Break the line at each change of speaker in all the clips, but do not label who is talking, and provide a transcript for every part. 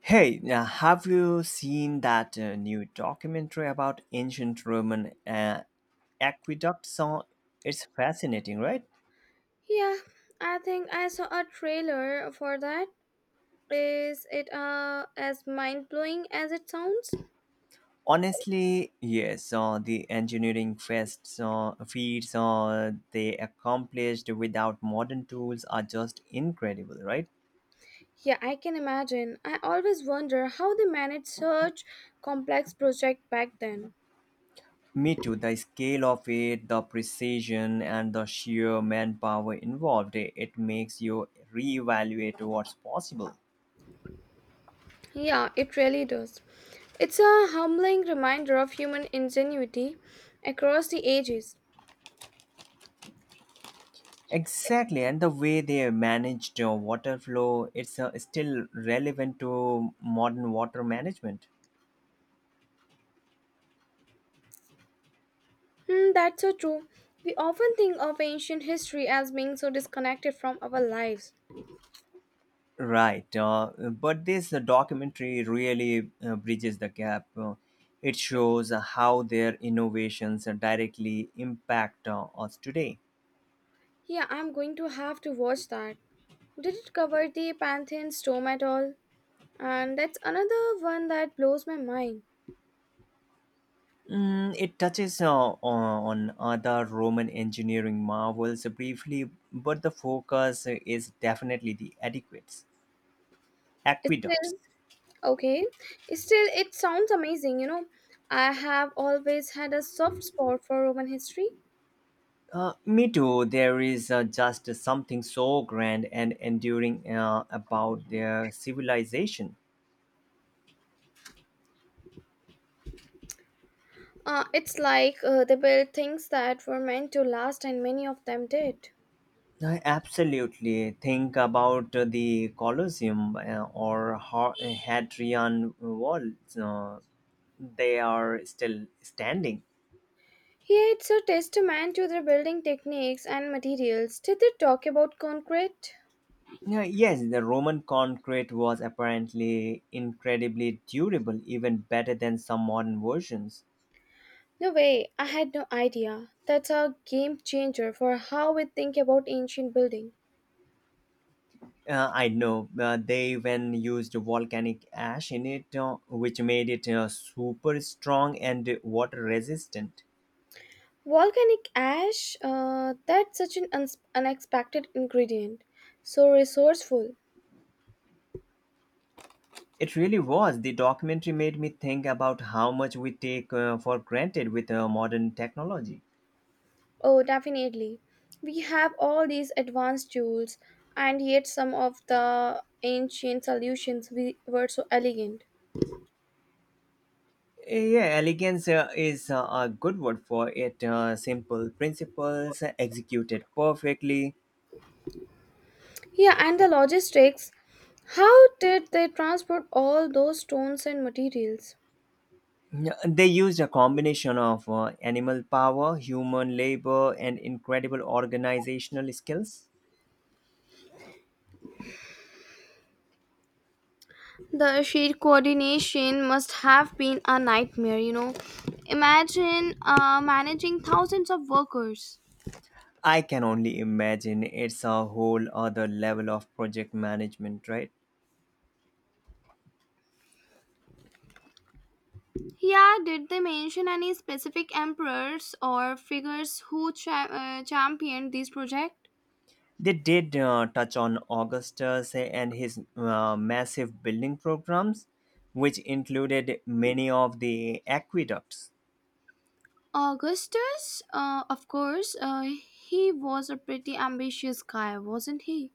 Hey, now have you seen that new documentary about ancient Roman aqueducts? It's fascinating, right?
Yeah, I think I saw a trailer for that. Is it as mind blowing as it sounds?
Honestly, yes. The engineering feats they accomplished without modern tools are just incredible, right?
Yeah, I can imagine. I always wonder how they managed such complex project back then.
Me too. The scale of it, the precision, and the sheer manpower involved, it makes you reevaluate what's possible.
Yeah, it really does. It's a humbling reminder of human ingenuity across the ages.
Exactly, and the way they managed water flow, it's still relevant to modern water management.
That's so true. We often think of ancient history as being so disconnected from our lives.
Right, but this documentary really bridges the gap. It shows how their innovations directly impact us today.
Yeah, I'm going to have to watch that. Did it cover the Pantheon storm at all? And that's another one that blows my mind.
Mm, it touches on other Roman engineering marvels briefly, but the focus is definitely the
It's
aqueducts.
still okay. It's still, it sounds amazing, I have always had a soft spot for Roman history.
Me too. There is just something so grand and enduring about their civilization.
It's like they built things that were meant to last, and many of them did.
I absolutely think about the Colosseum or Hadrian Wall. Uh, they are still standing.
Here it's a testament to their building techniques and materials. Did they talk about concrete?
Yeah, yes, the Roman concrete was apparently incredibly durable, even better than some modern versions.
No way, I had no idea. That's a game changer for how we think about ancient building.
I know they even used volcanic ash in it, which made it super strong and water resistant.
Volcanic ash, that's such an unexpected ingredient. So resourceful.
It really was. The documentary made me think about how much we take for granted with modern technology.
Oh, definitely. We have all these advanced tools, and yet some of the ancient solutions we were so elegant.
Yeah, elegance is a good word for it. Simple principles executed perfectly.
Yeah, and the logistics. How did they transport all those stones and materials?
Yeah, they used a combination of animal power, human labor, and incredible organizational skills.
The sheer coordination must have been a nightmare, Imagine managing thousands of workers.
I can only imagine it's a whole other level of project management, right?
Yeah, did they mention any specific emperors or figures who championed this project?
They did touch on Augustus and his massive building programs, which included many of the aqueducts.
Augustus, of course, he was a pretty ambitious guy, wasn't he?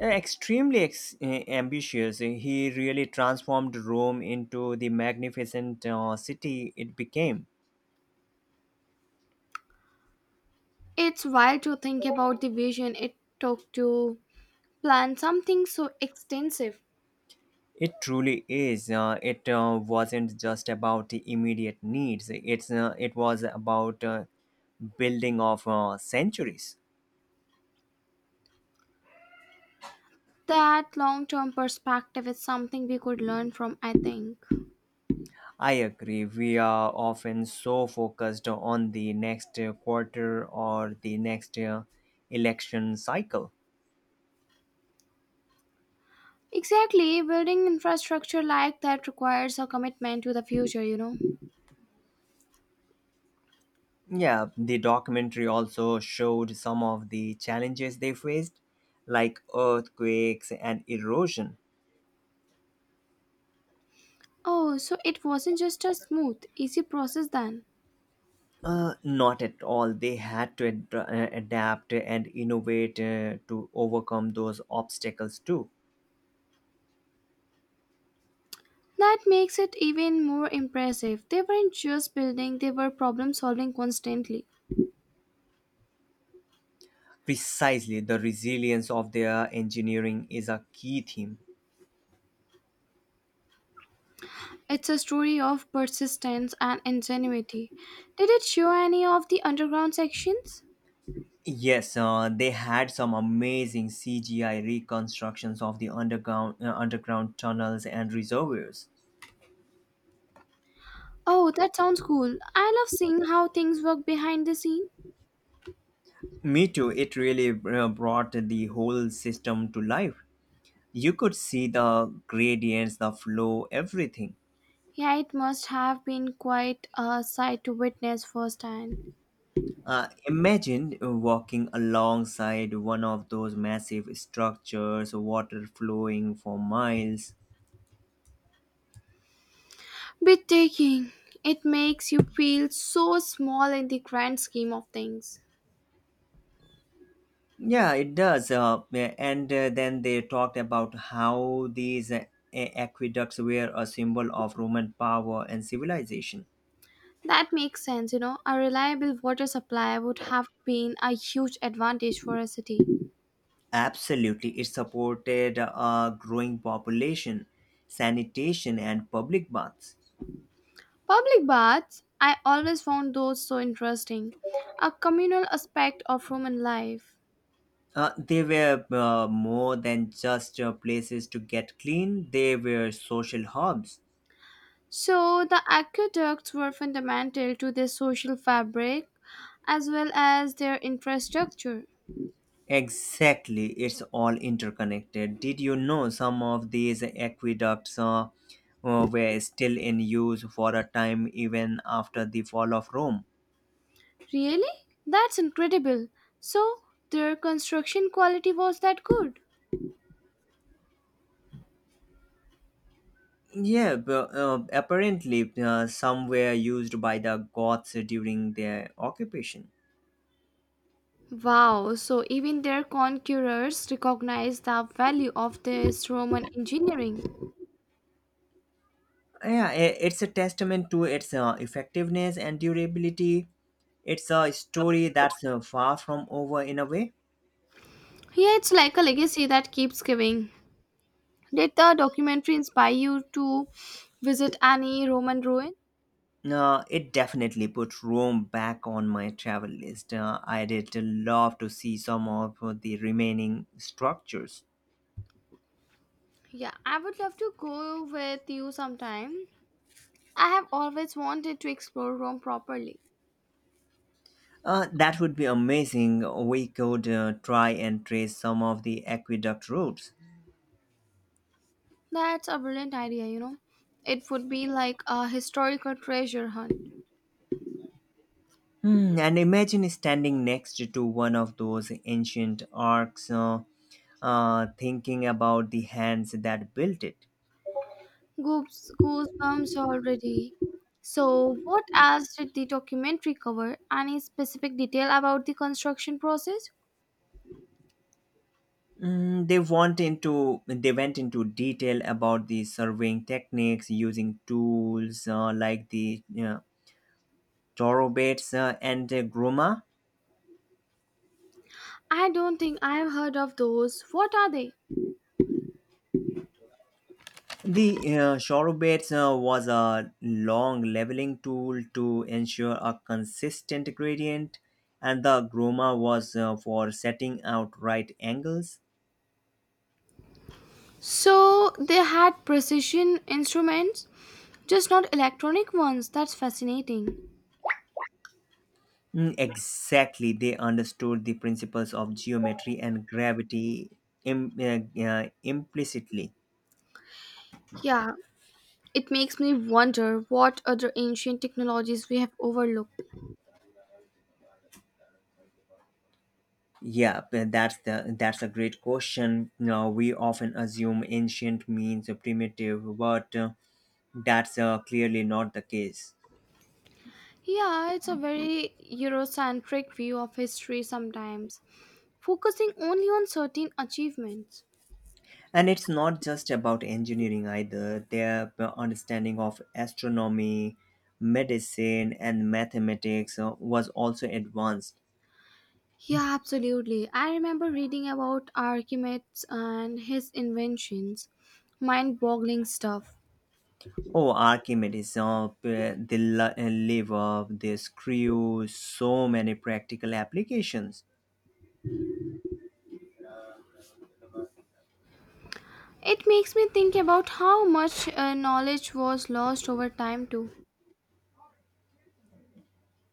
Extremely ambitious, he really transformed Rome into the magnificent city it became.
It's wild to think about the vision it took to plan something so extensive.
It truly is. It wasn't just about the immediate needs. It was about building of centuries.
That long term perspective is something we could learn from, I think.
I agree. We are often so focused on the next quarter or the next election cycle.
Exactly, building infrastructure like that requires a commitment to the future,
Yeah, the documentary also showed some of the challenges they faced, like earthquakes and erosion.
Oh, so it wasn't just a smooth, easy process then.
Not at all. They had to adapt and innovate to overcome those obstacles too.
That makes it even more impressive. They weren't just building, they were problem solving constantly.
Precisely, the resilience of their engineering is a key theme.
It's a story of persistence and ingenuity. Did it show any of the underground sections?
Yes, they had some amazing CGI reconstructions of the underground tunnels and reservoirs.
Oh, that sounds cool. I love seeing how things work behind the scene.
Me too. It really brought the whole system to life. You could see the gradients, the flow, everything.
Yeah, it must have been quite a sight to witness firsthand.
Imagine walking alongside one of those massive structures, water flowing for miles.
Breathtaking. It makes you feel so small in the grand scheme of things.
Yeah, it does. Yeah, and then they talked about how these aqueducts were a symbol of Roman power and civilization.
That makes sense, A reliable water supply would have been a huge advantage for a city.
Absolutely, it supported a growing population, sanitation, and public baths.
Public baths, I always found those so interesting, a communal aspect of Roman life.
They were more than just places to get clean, they were social hubs.
So, the aqueducts were fundamental to their social fabric as well as their infrastructure.
Exactly, it's all interconnected. Did you know some of these aqueducts were still in use for a time even after the fall of Rome?
Really? That's incredible. So, their construction quality was that good.
Yeah, but, apparently some were used by the Goths during their occupation.
Wow, so even their conquerors recognized the value of this Roman engineering.
Yeah, it's a testament to its effectiveness and durability. It's a story that's far from over in a way.
Yeah, it's like a legacy that keeps giving. Did the documentary inspire you to visit any Roman ruin?
It definitely put Rome back on my travel list. I'd love to see some of the remaining structures.
Yeah, I would love to go with you sometime. I have always wanted to explore Rome properly.
That would be amazing. We could try and trace some of the aqueduct routes.
That's a brilliant idea, It would be like a historical treasure hunt.
Hmm, and imagine standing next to one of those ancient arcs, thinking about the hands that built it.
Goose, goosebumps already. So, what else did the documentary cover? Any specific detail about the construction process?
Mm, they went into detail about the surveying techniques using tools like the chorobates and groma.
I don't think I have heard of those. What are they?
The chorobates was a long leveling tool to ensure a consistent gradient, and the groma was for setting out right angles.
So, they had precision instruments, just not electronic ones. That's fascinating.
Mm, exactly, they understood the principles of geometry and gravity implicitly.
Yeah, it makes me wonder what other ancient technologies we have overlooked.
Yeah, but that's a great question. Now we often assume ancient means primitive, but that's clearly not the case.
Yeah, it's a very Eurocentric view of history sometimes, focusing only on certain achievements.
And it's not just about engineering either. Their understanding of astronomy, medicine, and mathematics was also advanced.
Yeah, absolutely. I remember reading about Archimedes and his inventions. Mind boggling stuff.
Oh, Archimedes, lever, the screw, so many practical applications.
It makes me think about how much knowledge was lost over time, too.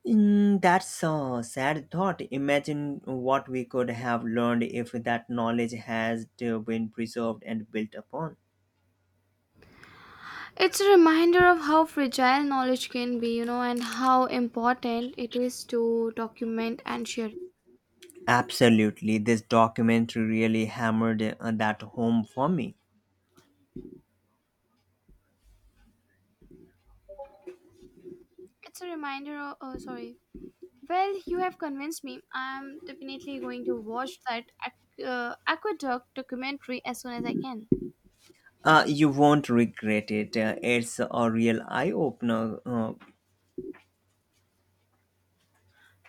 Mm, that's a sad thought. Imagine what we could have learned if that knowledge has been preserved and built upon.
It's a reminder of how fragile knowledge can be, and how important it is to document and share.
Absolutely, this documentary really hammered that home for me.
It's a reminder of. Oh, sorry. Well, you have convinced me. I'm definitely going to watch that aqueduct documentary as soon as I can.
You won't regret it. It's a real eye opener.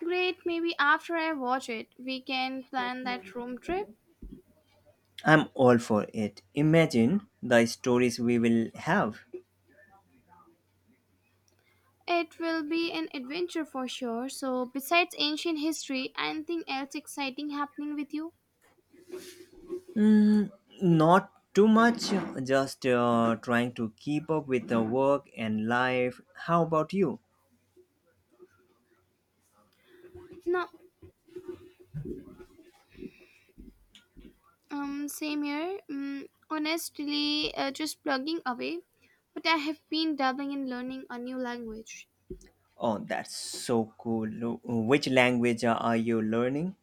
Great, maybe after I watch it, we can plan that room trip.
I'm all for it. Imagine the stories we will have.
It will be an adventure for sure. So, besides ancient history, anything else exciting happening with you?
Not too much, just trying to keep up with the work and life. How about you?
No, same here. Honestly, just plugging away. But I have been dabbling in learning a new language.
Oh, that's so cool. Which language are you learning?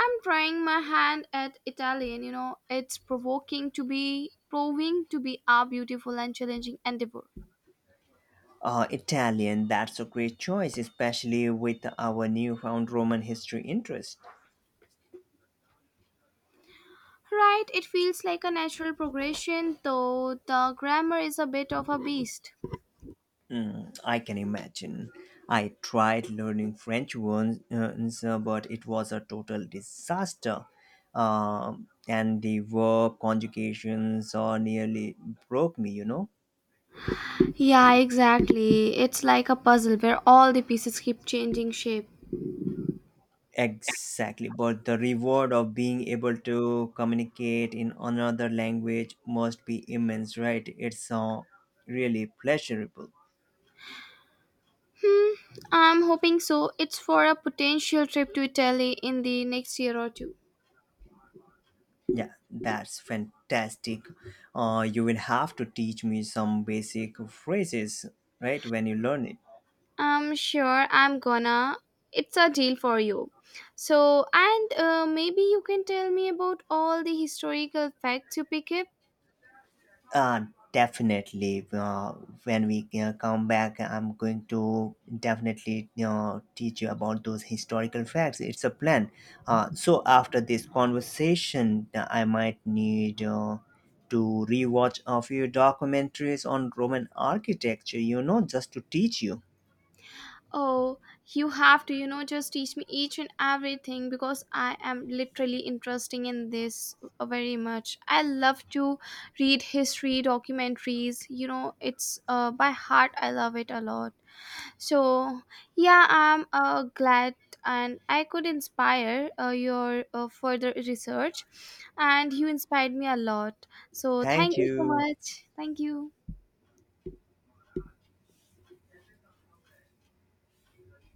I'm trying my hand at Italian. You know, it's provoking to be proving to be a beautiful and challenging endeavor.
Italian, that's a great choice, especially with our newfound Roman history interest.
Right, it feels like a natural progression, though the grammar is a bit of a beast.
Mm, I can imagine. I tried learning French once, but it was a total disaster. And the verb conjugations nearly broke me, you know.
Yeah, exactly. It's like a puzzle where all the pieces keep changing shape.
Exactly, but the reward of being able to communicate in another language must be immense, right? It's really pleasurable.
Hmm, I'm hoping so. It's for a potential trip to Italy in the next year or two.
Yeah, that's fantastic. You will have to teach me some basic phrases, right, when you learn it.
I'm sure I'm gonna. It's a deal for you. So, and maybe you can tell me about all the historical facts you pick up.
Uh, definitely. When we come back, I'm going to definitely, you know, teach you about those historical facts. It's a plan. So after this conversation, I might need to rewatch a few documentaries on Roman architecture. You know, just to teach you.
Oh, you have to, just teach me each and everything because I am literally interested in this very much. I love to read history documentaries, it's by heart, I love it a lot. So, yeah, I'm glad and I could inspire your further research, and you inspired me a lot. So,
Thank
thank you so
you.
much. Thank you.